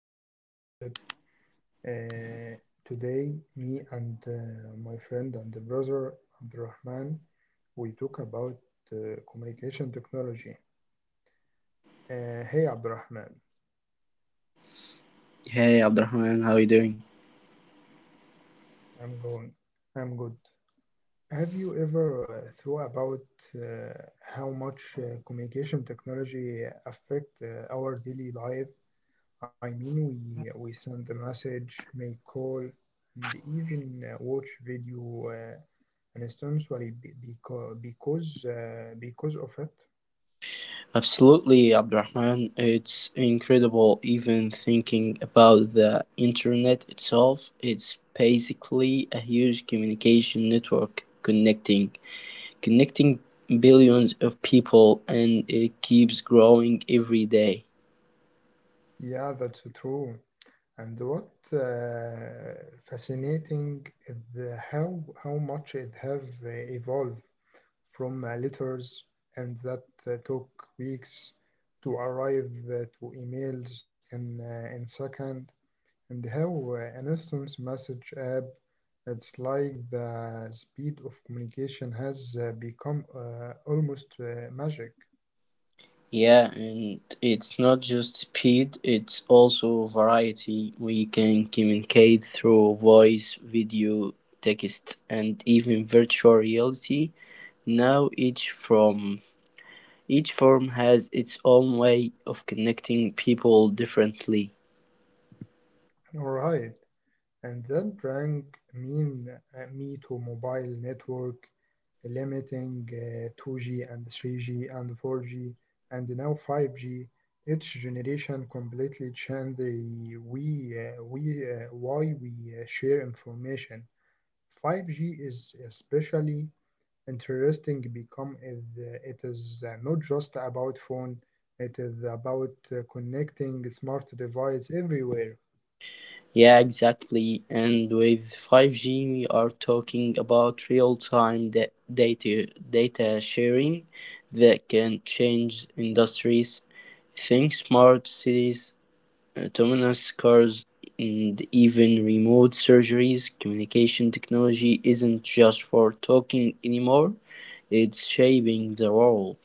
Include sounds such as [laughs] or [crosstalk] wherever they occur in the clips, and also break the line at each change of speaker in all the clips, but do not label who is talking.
new episode. Uh, Today, me and my friend and the brother Abdurrahman, we talk about uh, communication technology. Hey Abdurrahman,
Hey Abdurrahman, how are you doing?
I'm going. I'm good. Have you ever thought about uh, how much communication technology affect our daily life? I mean, we send a message, make call, and even watch video and students worry because of it.
Absolutely, Abdurrahman. It's incredible even thinking about the internet itself. It's basically a huge communication network connecting billions of people, and it keeps growing every day.
Yeah, that's true. And what fascinating is the how much it have evolved from letters and that took weeks to arrive to emails in second, and how an instance message app. It's like the speed of communication has become almost magic.
Yeah, and it's not just speed, it's also variety. We can communicate through voice, video, text, and even virtual reality. Now each form has its own way of connecting people differently.
All right. And then bring mean me to mobile network limiting 2G and 3G and 4G and now 5G. Each generation completely changed the we we why we share information. 5G is especially interesting because it is not just about phone. It is about connecting smart devices everywhere.
Yeah, exactly. And with 5G, we are talking about real-time data sharing that can change industries. Think smart cities, autonomous cars, and even remote surgeries. Communication technology isn't just for talking anymore; it's shaping the world.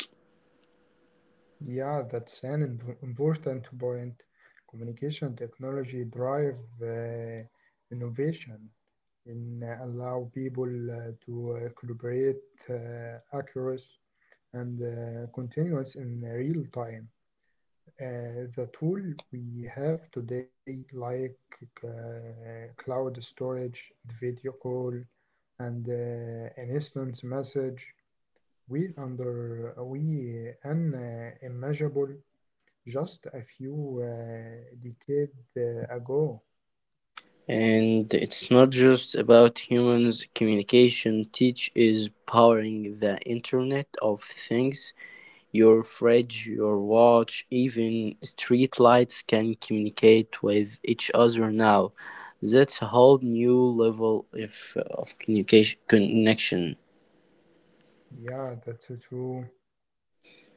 Yeah, that's an important point. Communication technology drive innovation and allow people to collaborate accuracy and continuous in real time. The tool we have today, like uh, cloud storage, video call, and an instant message, we under we an immeasurable just a few decades ago.
And it's not just about humans. Communication Teach is powering the Internet of Things. Your fridge, your watch, even streetlights can communicate with each other now. That's a whole new level of communication connection.
Yeah, that's so true.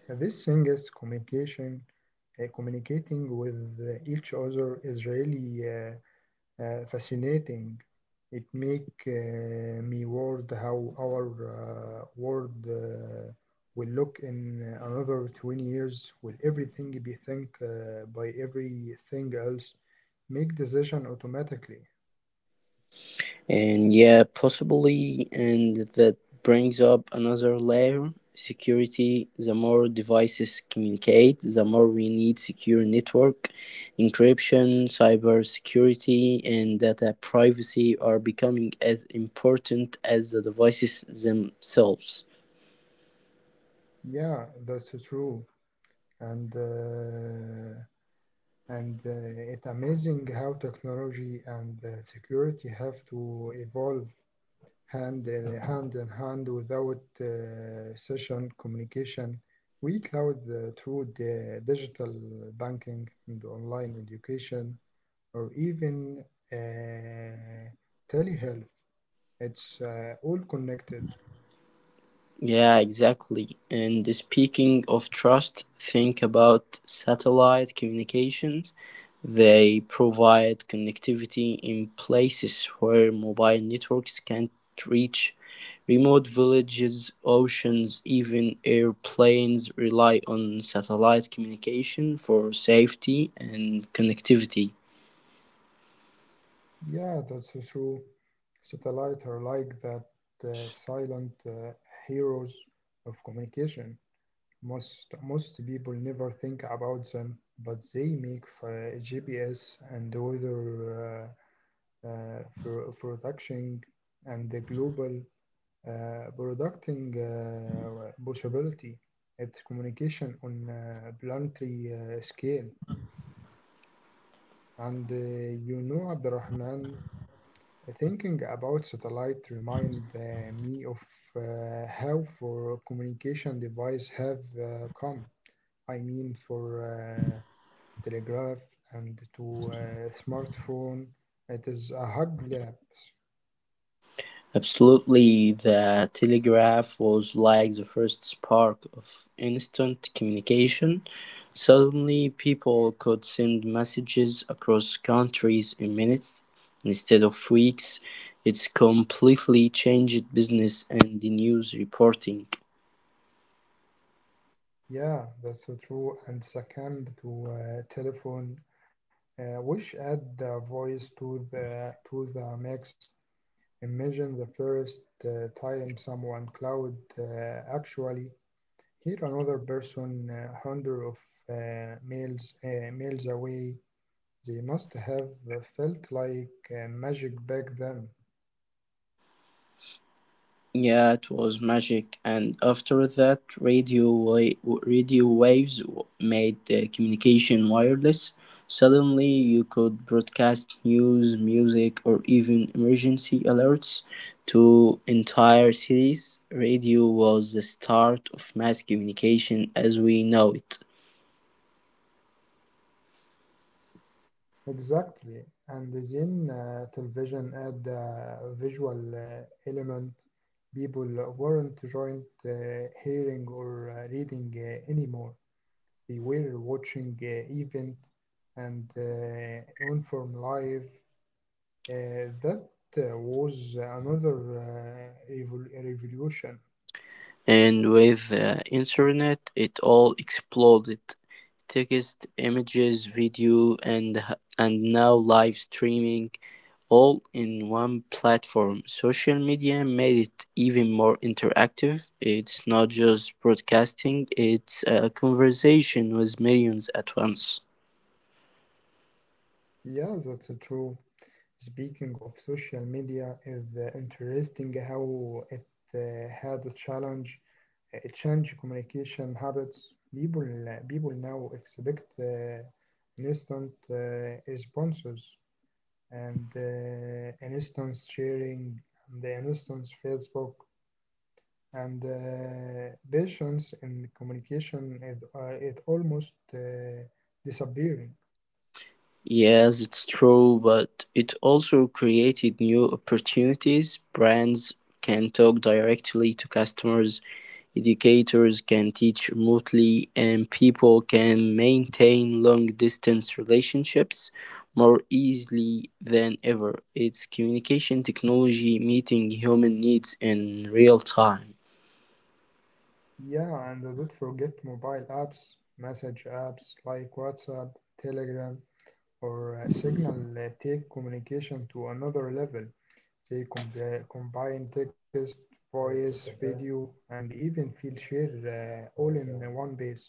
This thing things, communication, communicating with each other is really fascinating. It make me worried how our world will look in another 20 years. Will everything be think by everything else? Make decision automatically.
And yeah, possibly, and that brings up another layer security. The more devices communicate, the more we need secure network. Encryption, cyber security, and data privacy are becoming as important as the devices themselves.
Yeah, that's so true. and uh, and it's amazing how technology and security have to evolve hand in [laughs] hand in hand without session communication. We cloud through the digital banking and online education, or even uh, telehealth. It's all connected.
Yeah, exactly. And speaking of trust, think about satellite communications. They provide connectivity in places where mobile networks can't reach. Remote villages, oceans, even airplanes rely on satellite communication for safety and connectivity.
Yeah, that's true. Satellites are like that silent heroes of communication. Most people never think about them, but they make GPS and weather for production and the global producting possibility. It's communication on planetary scale. And You know, Abdurrahman, thinking about satellite remind me of how for communication device have come. I mean for telegraph and to uh, smartphone. It is a hug lapse.
Absolutely, the telegraph was like the first spark of instant communication. Suddenly, people could send messages across countries in minutes instead of weeks. It's completely changed business and the news reporting.
Yeah, that's so true. And second to telephone, which add the voice to the mix. Imagine the first time someone cloud actually here another person hundred of miles away. They must have felt like magic back then.
Yeah, it was magic. And after that, radio waves made communication wireless. Suddenly, you could broadcast news, music, or even emergency alerts to entire cities. Radio was the start of mass communication as we know it.
Exactly. And then television had a visual element. People weren't joint hearing or reading anymore. They were watching event and inform live. That was another revolution.
And with the internet, it all exploded: text, images, video, and now live streaming, all in one platform. Social media made it even more interactive. It's not just broadcasting, it's a conversation with millions at once.
Yeah, that's true. Speaking of social media, is interesting how it had a challenge. It changed communication habits. People now expect instant responses and instant sharing and the instant Facebook and patience in communication is, it almost disappearing.
Yes, it's true, but it also created new opportunities. Brands can talk directly to customers, educators can teach remotely, and people can maintain long-distance relationships more easily than ever. It's communication technology meeting human needs in real time.
Yeah, and don't forget mobile apps, message apps like WhatsApp, Telegram, or Signal take communication to another level. They combine text, voice, video, and even feel share all in one base.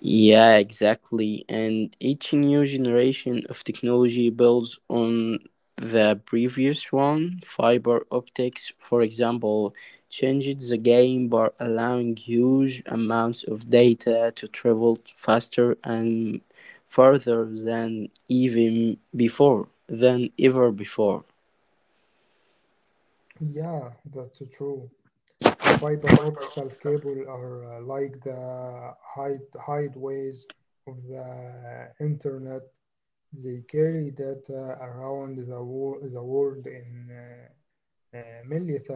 Yeah, exactly. And each new generation of technology builds on the previous one. Fiber optics, for example, changed the game by allowing huge amounts of data to travel faster and farther than ever before.
Yeah, that's true. Fiber optical cable are like the hideways of the internet. They carry data around the world in a millisecond.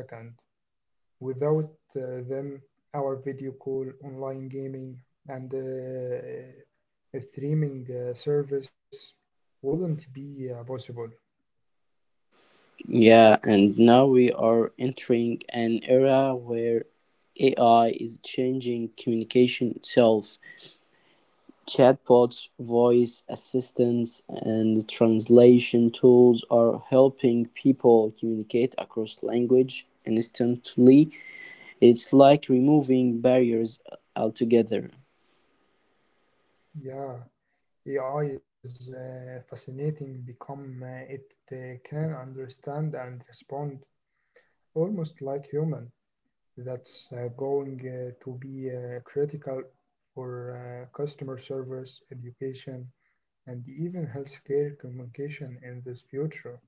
Without them, our video call, online gaming, and a streaming service wouldn't be possible.
Yeah, and now we are entering an era where AI is changing communication itself. Chatbots, voice assistants, and translation tools are helping people communicate across language instantly. It's like removing barriers altogether.
Yeah, AI is fascinating because it can understand and respond almost like human. That's going to be critical for customer service, education, and even healthcare communication in this future.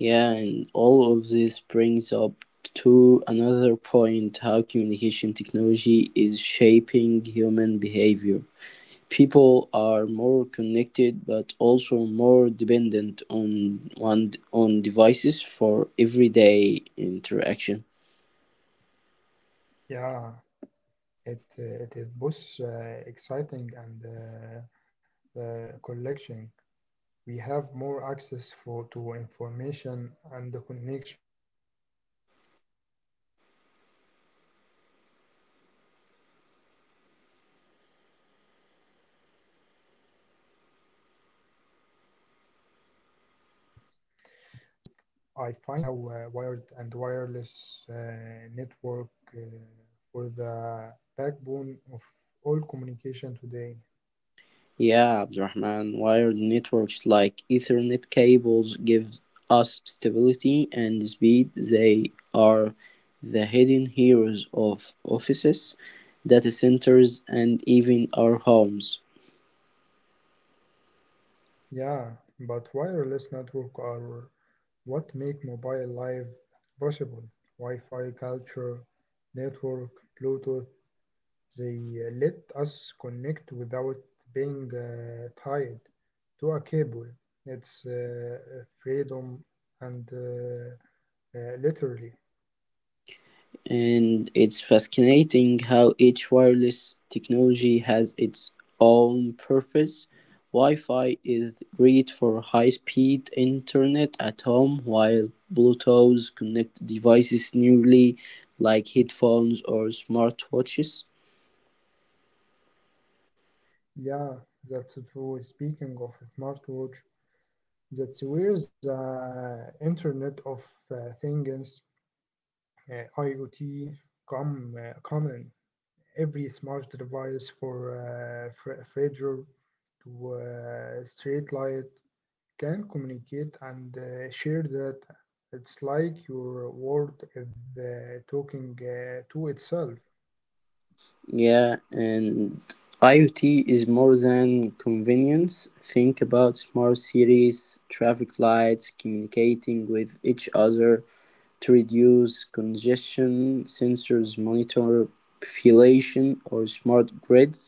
Yeah, and all of this brings up to another point how communication technology is shaping human behavior. People are more connected but also more dependent on devices for everyday interaction.
Yeah, it is both exciting and collection. We have more access to information and the connection, but we also need to manage attention, privacy, and the speed of communication. So, Abdurrahman, let's talk about network. I find it's amazing how wired and wireless network uh, for the backbone of all communication today.
Yeah, Abdurrahman, wired networks like Ethernet cables give us stability and speed. They are the hidden heroes of offices, data centers, and even our homes.
Yeah, but wireless network are what make mobile life possible. Wi-Fi culture, network, Bluetooth, they let us connect without being tied to a cable. It's freedom and literally.
And it's fascinating how each wireless technology has its own purpose. Wi Fi is great for high speed internet at home, while Bluetooth connects devices nearly like headphones or smartwatches.
Yeah, that's true. Speaking of smartwatch, that's where the Internet of Things, IoT, come in. Every smart device for fridge to street light can communicate and share data. It's like your world is talking to itself.
Yeah, and IoT is more than convenience. Think about smart cities, traffic lights communicating with each other, to reduce congestion, sensors monitor population or smart grids,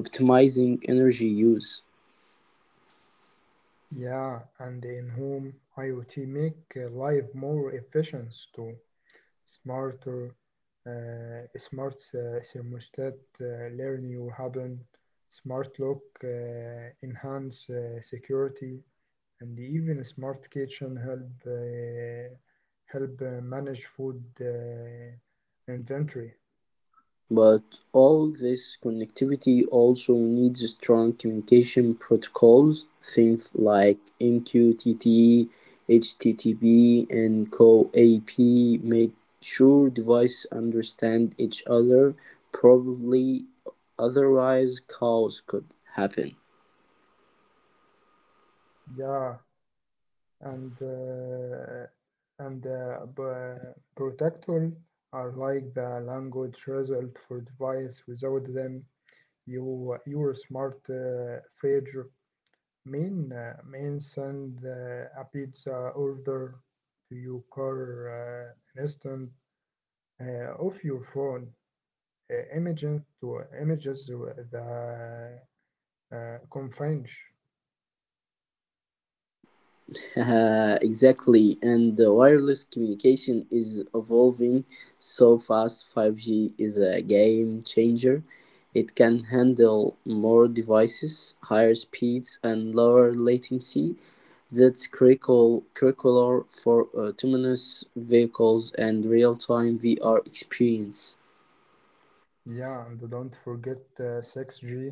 optimizing energy use.
Yeah, and in home, IoT make life more efficient too. Smarter, Smart thermostat, learn your habit, smart lock, enhance security, and even smart kitchen help manage food inventory.
But all this connectivity also needs strong communication protocols, things like MQTT, HTTP, and CoAP make sure devices understand each other properly. Otherwise, chaos could happen.
Yeah, and uh, and protector are like the language result for device. Without them, you your smart fridge main send a pizza order to your car an instant off your phone. Images to images the confinge.
[laughs] Exactly, and the wireless communication is evolving so fast. 5G is a game changer. It can handle more devices, higher speeds, and lower latency. That's critical for autonomous vehicles and real-time VR experience.
Yeah, and don't forget 6G.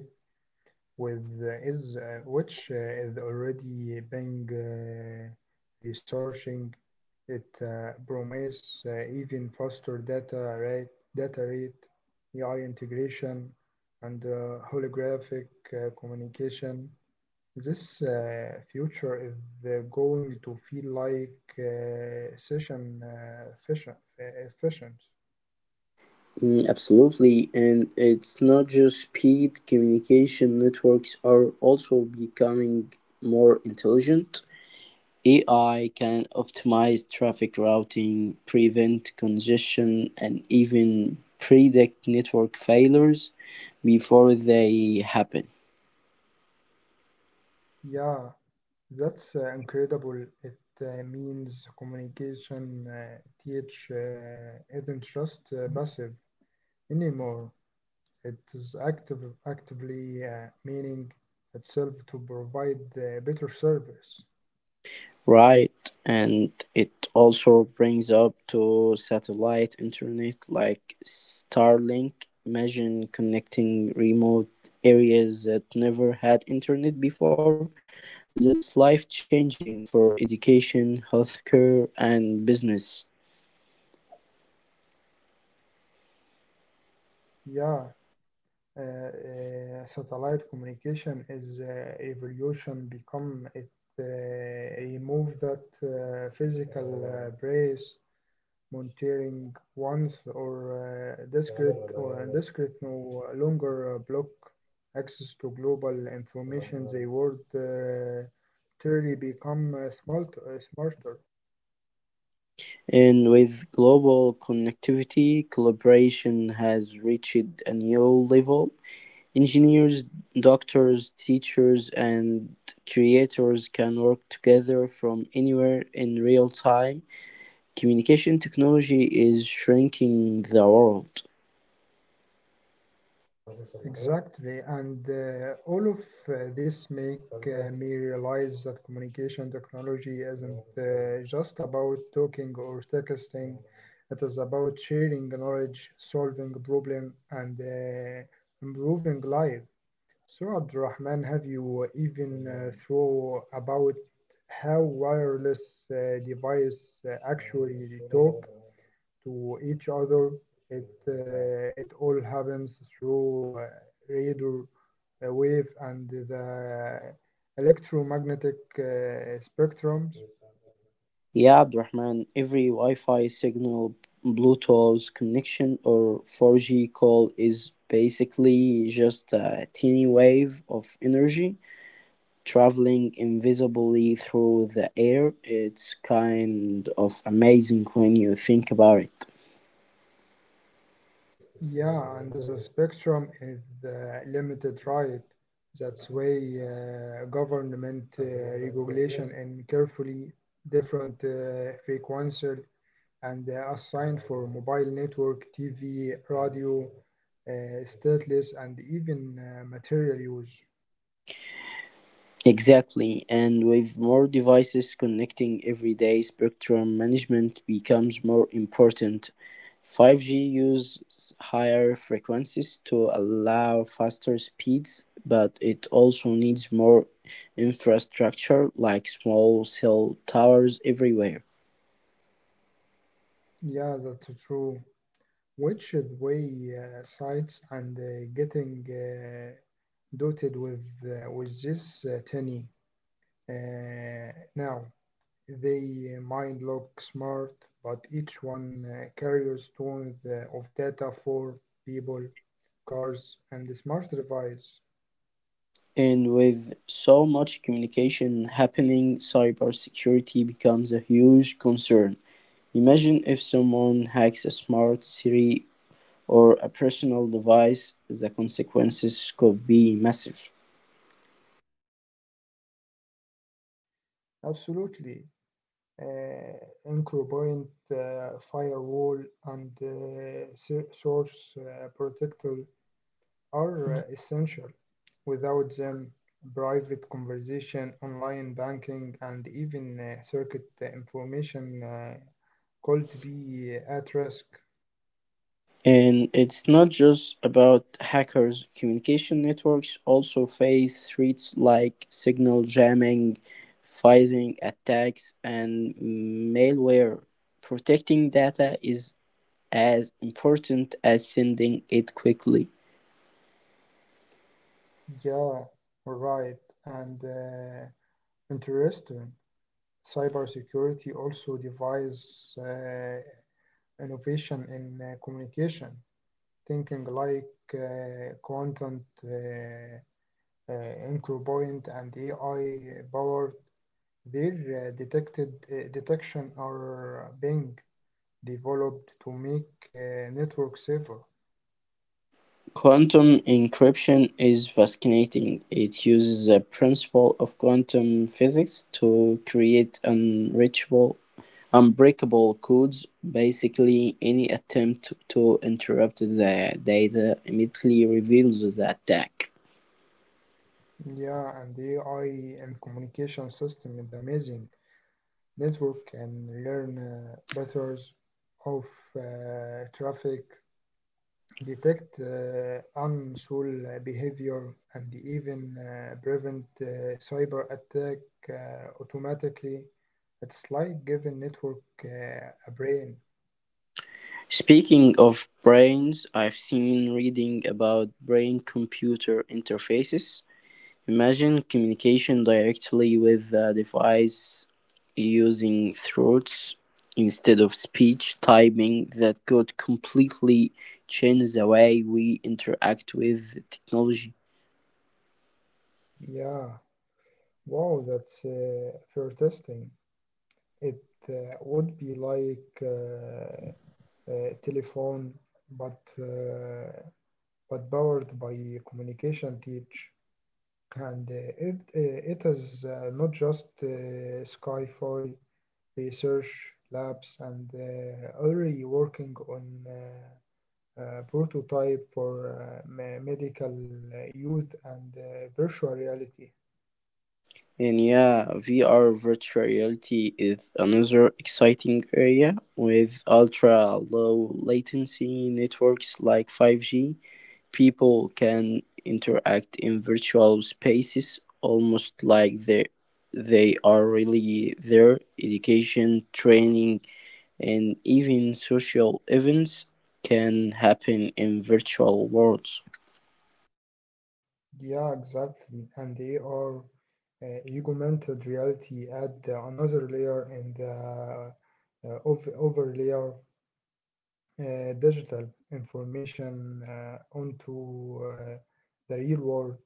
With is Which is already being researching, it promise even faster data rate, AI integration, and holographic communication. This future is going to feel like session efficient, efficient.
Mm, absolutely, and it's not just speed. Communication networks are also becoming more intelligent. AI can optimize traffic routing, prevent congestion, and even predict network failures before they happen.
Yeah, that's incredible. It means communication teach isn't just passive anymore. It is active, actively meaning itself to provide better service.
Right, and it also brings up to satellite internet like Starlink. Imagine connecting remote areas that never had internet before. That's life changing for education, healthcare, and business.
Yeah, satellite communication is evolution become it remove that physical brace. Monitoring once or discrete no longer block access to global information. The world truly become smarter.
And with global connectivity, collaboration has reached a new level. Engineers, doctors, teachers, and creators can work together from anywhere in real time. Communication technology is shrinking the world.
Exactly, and all of this make me realize that communication technology isn't just about talking or texting. It is about sharing knowledge, solving problem, and improving life. So, Abdurrahman, have you even thought about how wireless devices actually talk to each other? It all happens through radio wave and the electromagnetic spectrums.
Yeah, Abdurrahman, every Wi Fi signal, Bluetooth connection, or 4G call is basically just a teeny wave of energy traveling invisibly through the air. It's kind of amazing when you think about it.
Yeah, and the spectrum is limited, right? That's why government regulation and carefully different frequencies and assigned for mobile network, TV, radio, uh, stateless, and even material use.
Exactly, and with more devices connecting every day, spectrum management becomes more important. 5G uses higher frequencies to allow faster speeds, but it also needs more infrastructure like small cell towers everywhere.
Yeah, that's true. Which is why sites and getting dotted with this tenny now. They might look smart, but each one carries tons of data for people, cars, and smart devices.
And with so much communication happening, cybersecurity becomes a huge concern. Imagine if someone hacks a smart city or a personal device, the consequences could be massive.
Absolutely. Uh, Anchorpoint, firewall, and source protector are essential. Without them, private conversation, online banking, and even circuit information could be at risk.
And it's not just about hackers, communication networks also face threats like signal jamming, phishing attacks, and malware. Protecting data is as important as sending it quickly.
Yeah, right. And interesting. Cybersecurity also device innovation in communication, thinking like content EncroPoint and AI powered. Their detected detection are being developed to make network safer.
Quantum encryption is fascinating. It uses the principle of quantum physics to create unreachable, unbreakable codes. Basically, any attempt to interrupt the data immediately reveals the attack.
Yeah, and AI and communication system is amazing. Network can learn patterns of traffic, detect unusual behavior, and even prevent cyber attack automatically. It's like giving network a brain.
Speaking of brains, I've seen reading about brain computer interfaces. Imagine communication directly with the device using thoughts instead of speech typing that could completely change the way we interact with technology.
Yeah, wow, that's fair testing. It would be like a telephone, but uh, but powered by communication teach. And it is not just sci research labs and already working on prototype for medical youth and virtual reality.
And yeah, VR virtual reality is another exciting area with ultra low latency networks like 5G. People can interact in virtual spaces almost like they are really there. Education, training, and even social events can happen in virtual worlds.
Yeah, exactly. And they are augmented reality add another layer in the overlayer digital information onto the real world.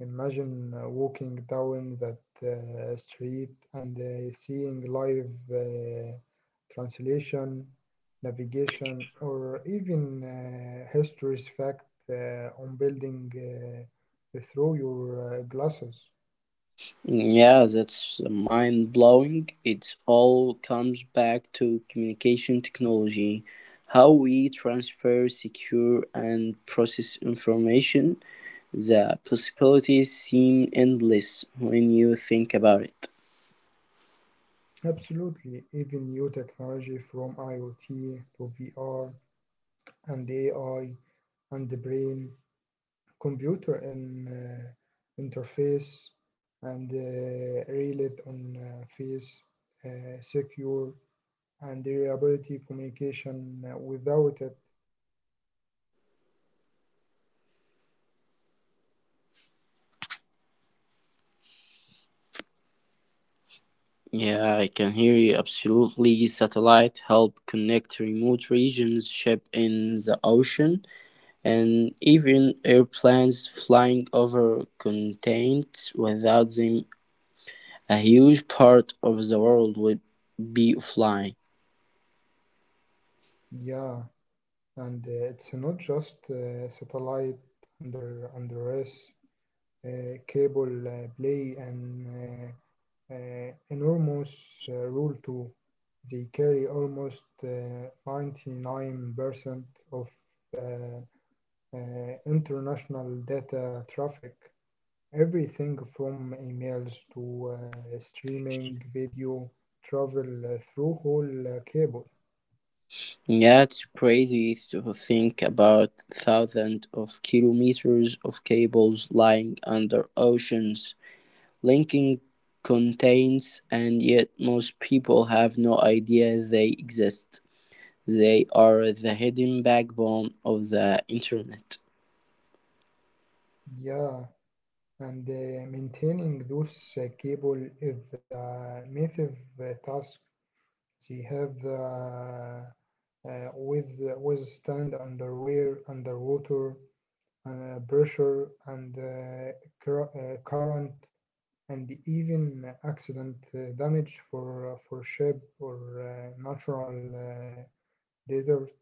Imagine walking down that street and seeing live translation, navigation, or even history's fact on building through your glasses.
Yeah, that's mind blowing. It all comes back to communication technology, how we transfer, secure, and process information. The possibilities seem endless when you think about it.
Absolutely, even new technology from IoT to VR and AI and the brain computer and interface and relate on face secure and reliability communication. Without it none of this innovation would work. And you know Abdurrahman, we have talked about
Yeah, I
satellite.
can hear you absolutely. Satellite help connect remote regions, ship in the ocean, and even airplanes flying over continents. Without them, a huge part of the world would be offline.
Yeah, and it's not just satellite under us cable play and uh, enormous rule too. They carry almost 99% of uh, uh, international data traffic. Everything from emails to streaming video travel through whole cable.
Yeah, it's crazy to think about thousands of kilometers of cables lying under oceans, linking contains, and yet most people have no idea they exist. They are the hidden backbone of the internet.
Yeah, and maintaining those cable is a massive task. She have the withstand underwear underwater pressure and current and even accident damage for ship or natural uh, desert.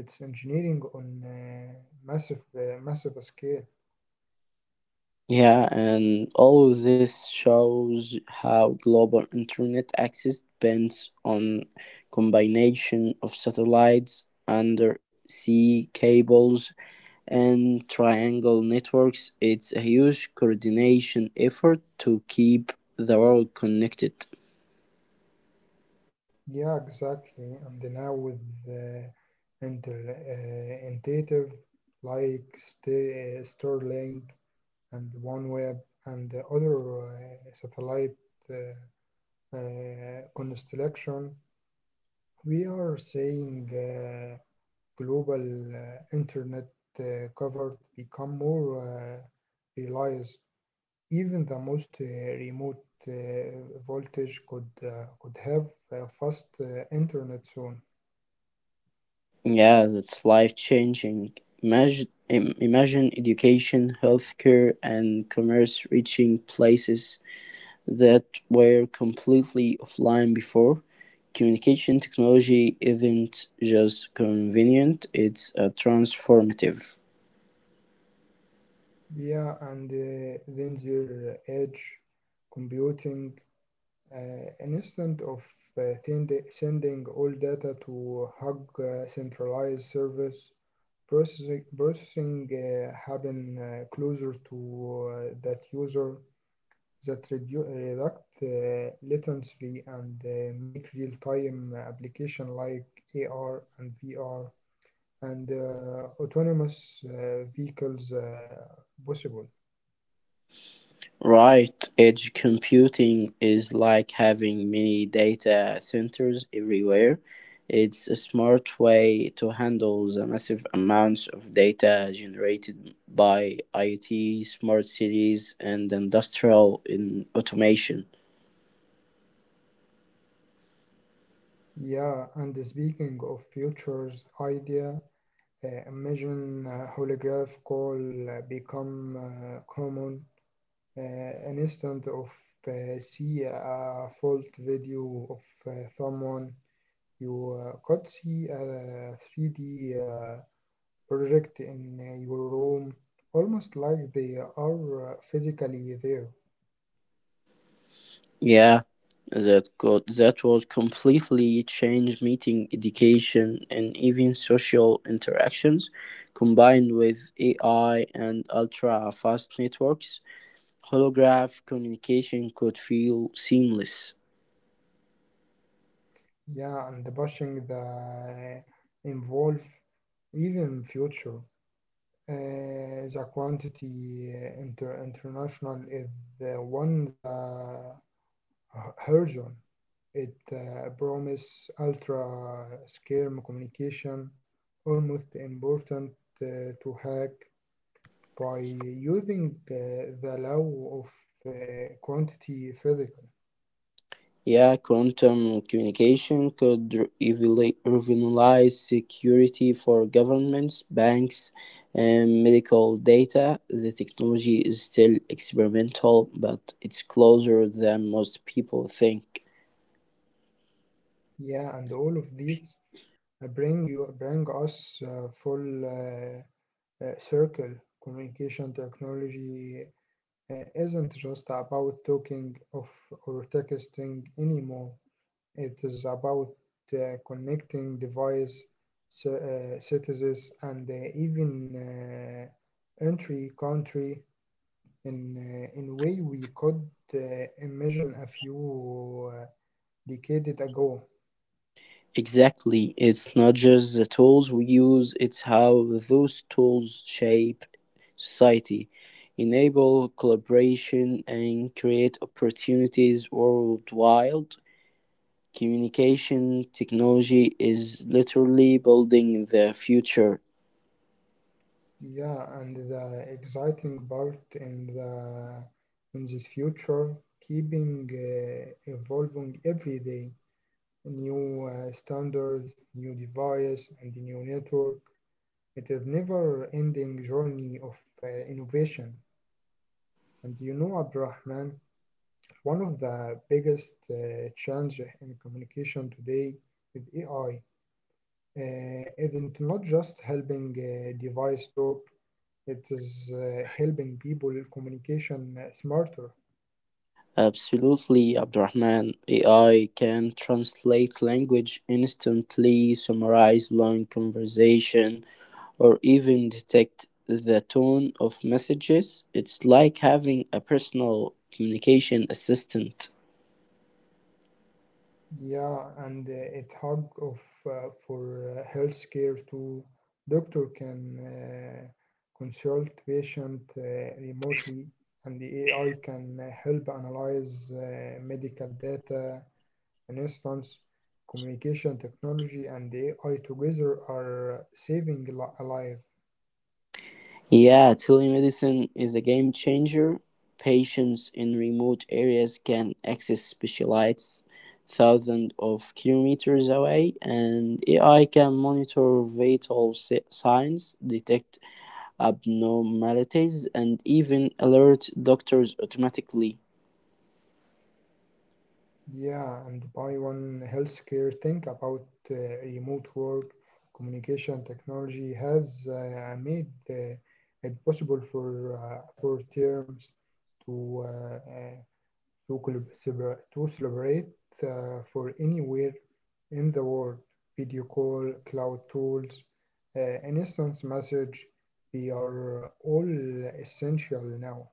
It's engineering on massive massive scale.
Yeah, and all of this shows how global internet access depends on combination of satellites, undersea cables, and triangle networks. It's a huge coordination effort to keep the world connected.
Yeah, exactly. And now with uh, intuitive like Starlink and OneWeb and the other satellite uh, constellation, we are seeing global internet covered become more realized. Even the most remote voltage could have a fast internet soon.
Yeah, that's life changing. Imagine education, healthcare, and commerce reaching places that were completely offline before. Communication technology isn't just convenient, it's transformative.
Yeah, and then their edge computing, uh, an of sending all data to hug centralized service processing happen closer to that user that redu- reduct latency and make real-time application like AR and VR and autonomous vehicles possible.
Right, edge computing is like having mini data centers everywhere. It's a smart way to handle the massive amounts of data generated by IT, smart cities, and industrial in automation.
Yeah, and speaking of futures idea, imagine holograph call become common. An instant of see a fault video of someone, you could see a 3D project in your room, almost like they are physically there.
Yeah, that would completely change meeting education and even social interactions combined with AI and ultra fast networks. Holograph communication could feel seamless.
Yeah, and pushing the uh, involve even future. The quantity international is the one the horizon. It promise ultra scale communication, almost important to hack by using the law of quantity physical.
Yeah, quantum communication could revolutionize security for governments, banks, and medical data. The technology is still experimental, but it's closer than most people think.
Yeah, and all of these bring us full circle communication technology isn't just about talking of or texting anymore. It is about connecting device, citizens, and even entry country in in way we could uh, imagine a few decades ago.
Exactly. It's not just the tools we use, it's how those tools shape society, enable collaboration, and create opportunities worldwide. Communication technology is literally building the future.
Yeah, and the exciting part in the in this future, keeping evolving every day. New standards, new device, and the new network. It is never-ending journey of innovation. And you know, Abdurrahman, one of the biggest change in communication today with AI isn't not just helping device talk. It is helping people communication smarter.
Absolutely, Abdurrahman. AI can translate language instantly, summarize long conversation, or even detect the tone of messages. It's like having a personal communication assistant.
Yeah, and it hug of for healthcare too. Doctor can consult patient remotely, and the AI can help analyze medical data. In instance, communication technology and AI together are saving a life.
Yeah, telemedicine is a game changer. Patients in remote areas can access specialists thousands of kilometers away, and AI can monitor vital signs, detect abnormalities, and even alert doctors automatically.
Yeah, and buy one healthcare thing about uh, remote work, communication technology has made it possible for terms to uh, uh, to collaborate to celebrate for anywhere in the world. Video call, cloud tools, an instant message, they are all essential now.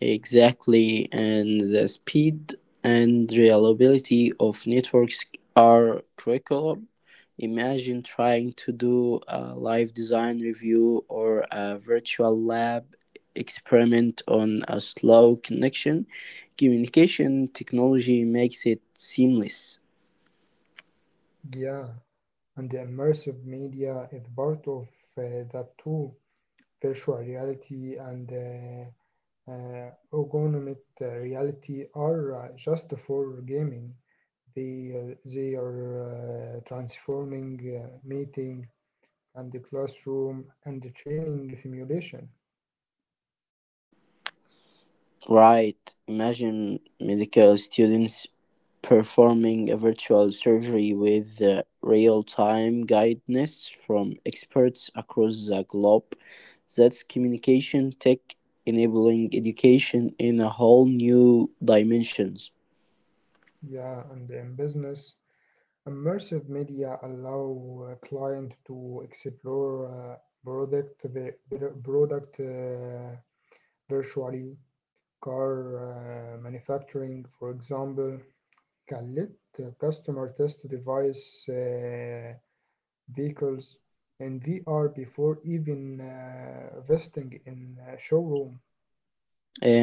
Exactly, and the speed and reliability of networks are critical. Imagine trying to do a live design review or a virtual lab experiment on a slow connection. Communication technology makes it seamless.
Yeah, and the immersive media is part of that too. Virtual reality and augmented reality are just for gaming. They are transforming meeting and the classroom and the training simulation.
Right. Imagine medical students performing a virtual surgery with real time guidance from experts across the globe. That's communication tech enabling education in a whole new dimensions.
Yeah, and in business, immersive media allow a client to explore product, virtually car manufacturing, for example, can let the customer test device vehicles in VR before even investing in a showroom.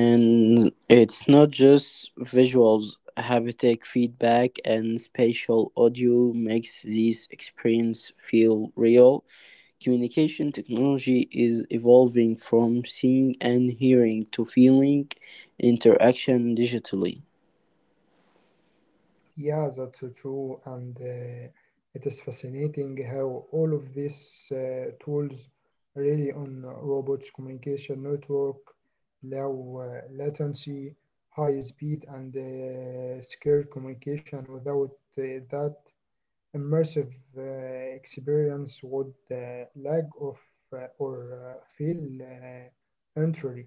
And it's not just visuals, haptic feedback and spatial audio makes these experience feel real. Communication technology is evolving from seeing and hearing to feeling interaction digitally.
Yeah, that's true, and it is fascinating how all of these tools really on robots communication network, low latency, high speed, and secure communication. Without that, immersive experience would lack of or feel entry.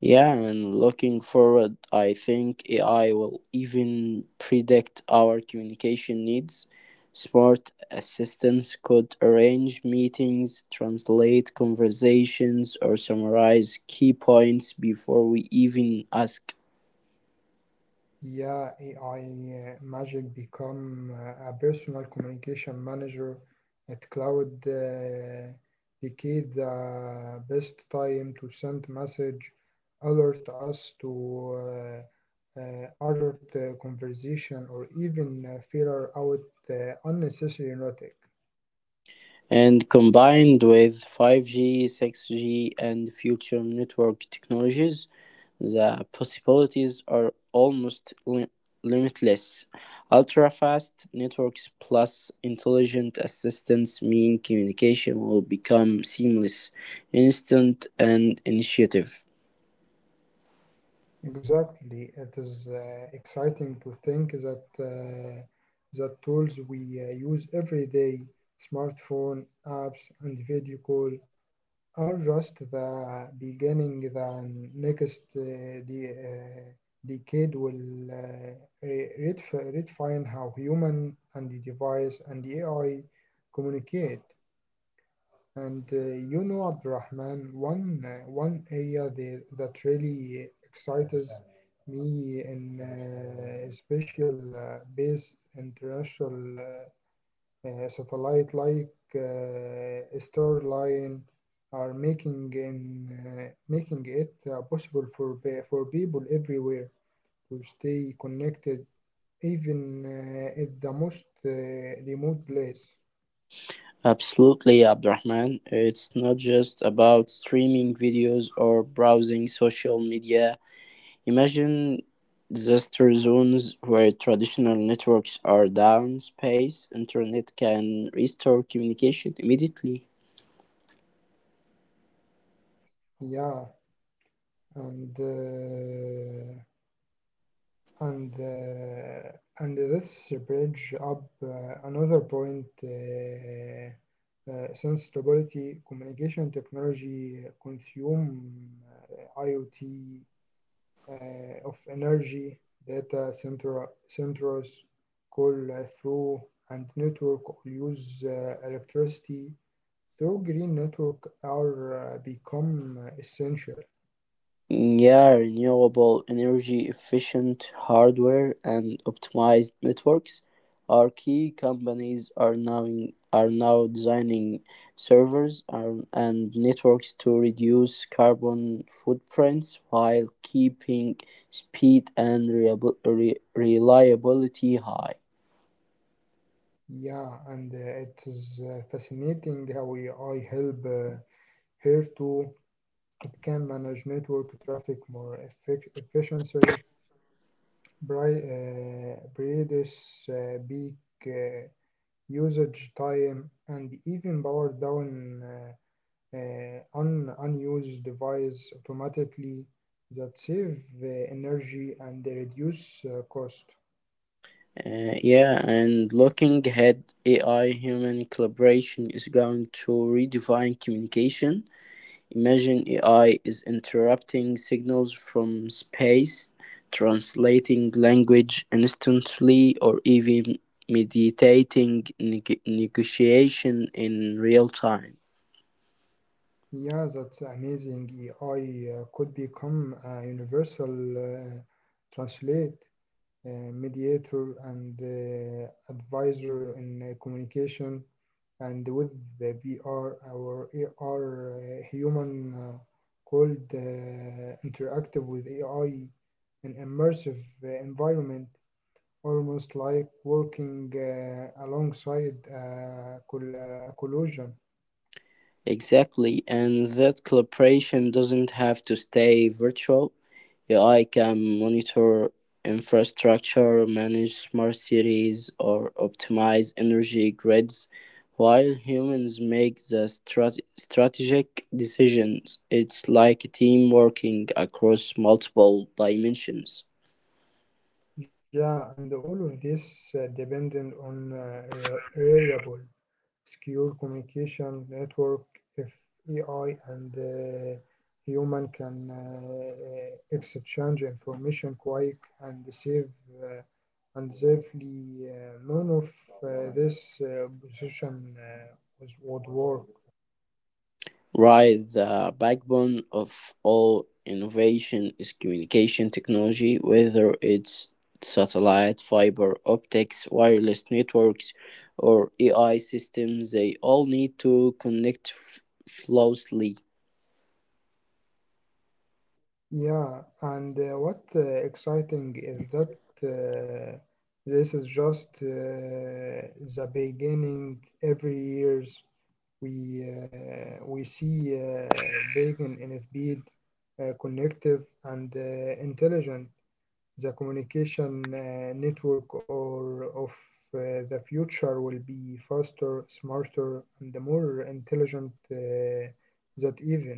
Yeah, and looking forward, I think AI will even predict our communication needs. Smart assistants could arrange meetings, translate conversations, or summarize key points before we even ask.
Yeah, AI magic become a personal communication manager at cloud decade the best time to send message alert us to urgent conversation or even filter out unnecessary notice.
And combined with 5G, 6G, and future network technologies, the possibilities are almost limitless. Ultra fast networks plus intelligent assistants mean communication will become seamless, instant, and initiative.
Exactly. It is exciting to think that the tools we use every day, smartphone, apps, and video call, are just the beginning. The decade will redefine how human and the device and the AI communicate. And you know, Abdurrahman, one area that really excites me in special based international satellite like Starline are making in making it possible for for people everywhere to stay connected even at the most remote place.
Absolutely, Abdurrahman. It's not just about streaming videos or browsing social media. Imagine disaster zones where traditional networks are down, space internet can restore communication immediately.
Yeah, and. Uh, and uh, and this bridge up another point sensibility communication technology consume IoT of energy data centers call through and network use electricity through green network are become essential.
Yeah, renewable energy efficient hardware and optimized networks are key. Companies are now designing servers and networks to reduce carbon footprints while keeping speed and reliability high.
Yeah, and it is fascinating how AI help here too. It can manage network traffic more efficiently, reduce peak uh, usage time, and even power down unused device automatically that save energy and reduce cost.
Yeah, and looking ahead, AI human collaboration is going to redefine communication. Imagine AI is interrupting signals from space, translating language instantly, or even mediating negotiation in real time.
Yeah, that's amazing. AI could become a universal uh, translate, mediator, and advisor in communication. And with the VR, our AR human could interactive with AI in immersive environment, almost like working alongside a collision.
Exactly, and that collaboration doesn't have to stay virtual. AI can monitor infrastructure, manage smart cities, or optimize energy grids, while humans make the strategic decisions. It's like a team working across multiple dimensions.
Yeah, and all of this dependent on reliable, secure communication network. If AI and human can exchange information quick and safe uh, and safely, none of this position was would work.
Right, the backbone of all innovation is communication technology, whether it's satellite, fiber optics, wireless networks, or AI systems, they all need to connect flawlessly.
Yeah, and what exciting is that uh, this is just the beginning. Every years we see breaking in speed, connective and intelligent. The communication network or of the future will be faster, smarter, and more intelligent that even.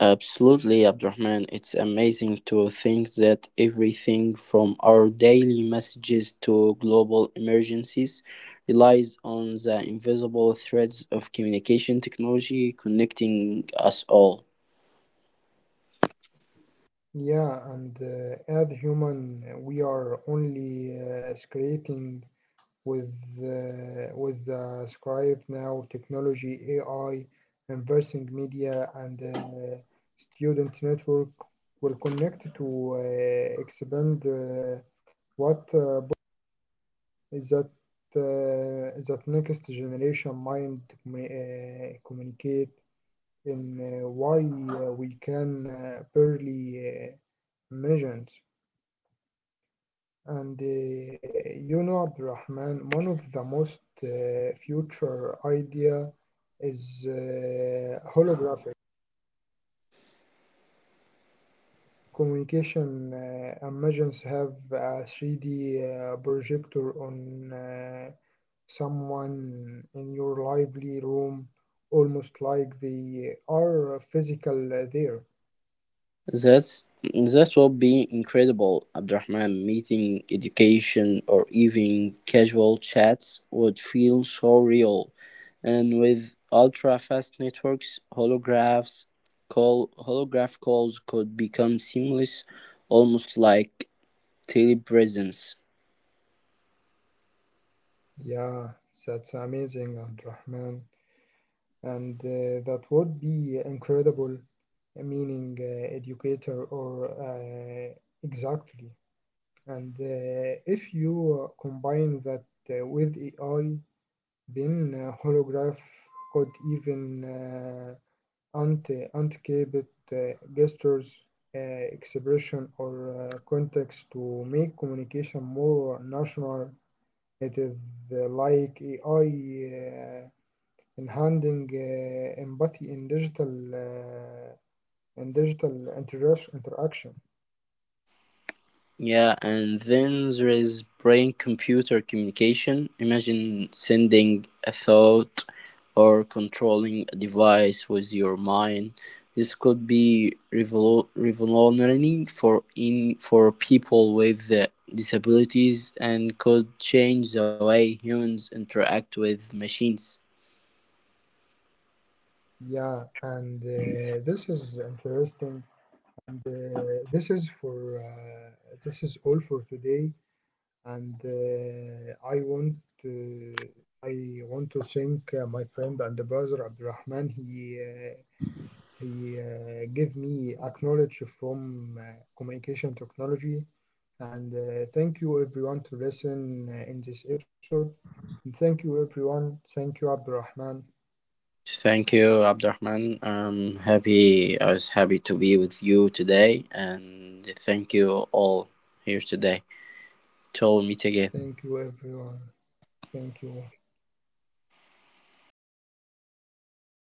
Absolutely, Abdurrahman. It's amazing to think that everything from our daily messages to global emergencies relies on the invisible threads of communication technology connecting us all.
Yeah, and as human, we are only creating with with the scribe now technology, AI, inversing media, and student network will connect to expand what is that is that next generation mind communicate in why we can barely measure. And you know, Abdurrahman, one of the most future idea is holographic communication. Imagines have a 3D projector on someone in your lively room, almost like they are physical there.
That would be incredible, Abdurrahman. Meeting, education, or even casual chats would feel so real. And with ultra fast networks, holograph calls could become seamless, almost like telepresence.
Yeah, that's amazing, Abdurrahman, and that would be incredible. Meaning educator or exactly. And if you combine that with AI, then holograph could even anticipate uh, gestures, expression, or context to make communication more national. It is like AI enhancing empathy in digital. And digital interaction.
Yeah, and then there is brain computer communication. Imagine sending a thought or controlling a device with your mind. This could be revolutionary for people with disabilities and could change the way humans interact with machines.
Yeah, and this is interesting and this is for this is all for today, and I want to thank my friend and brother Abdurrahman. He gave me acknowledge from communication technology, and thank you everyone to listen in this episode, and thank you everyone, thank you Abdurrahman.
Thank you, Abdurrahman. I'm happy. I was happy to be with you today, and thank you all here today. 저 밑에 게
Thank you, everyone. Thank you all.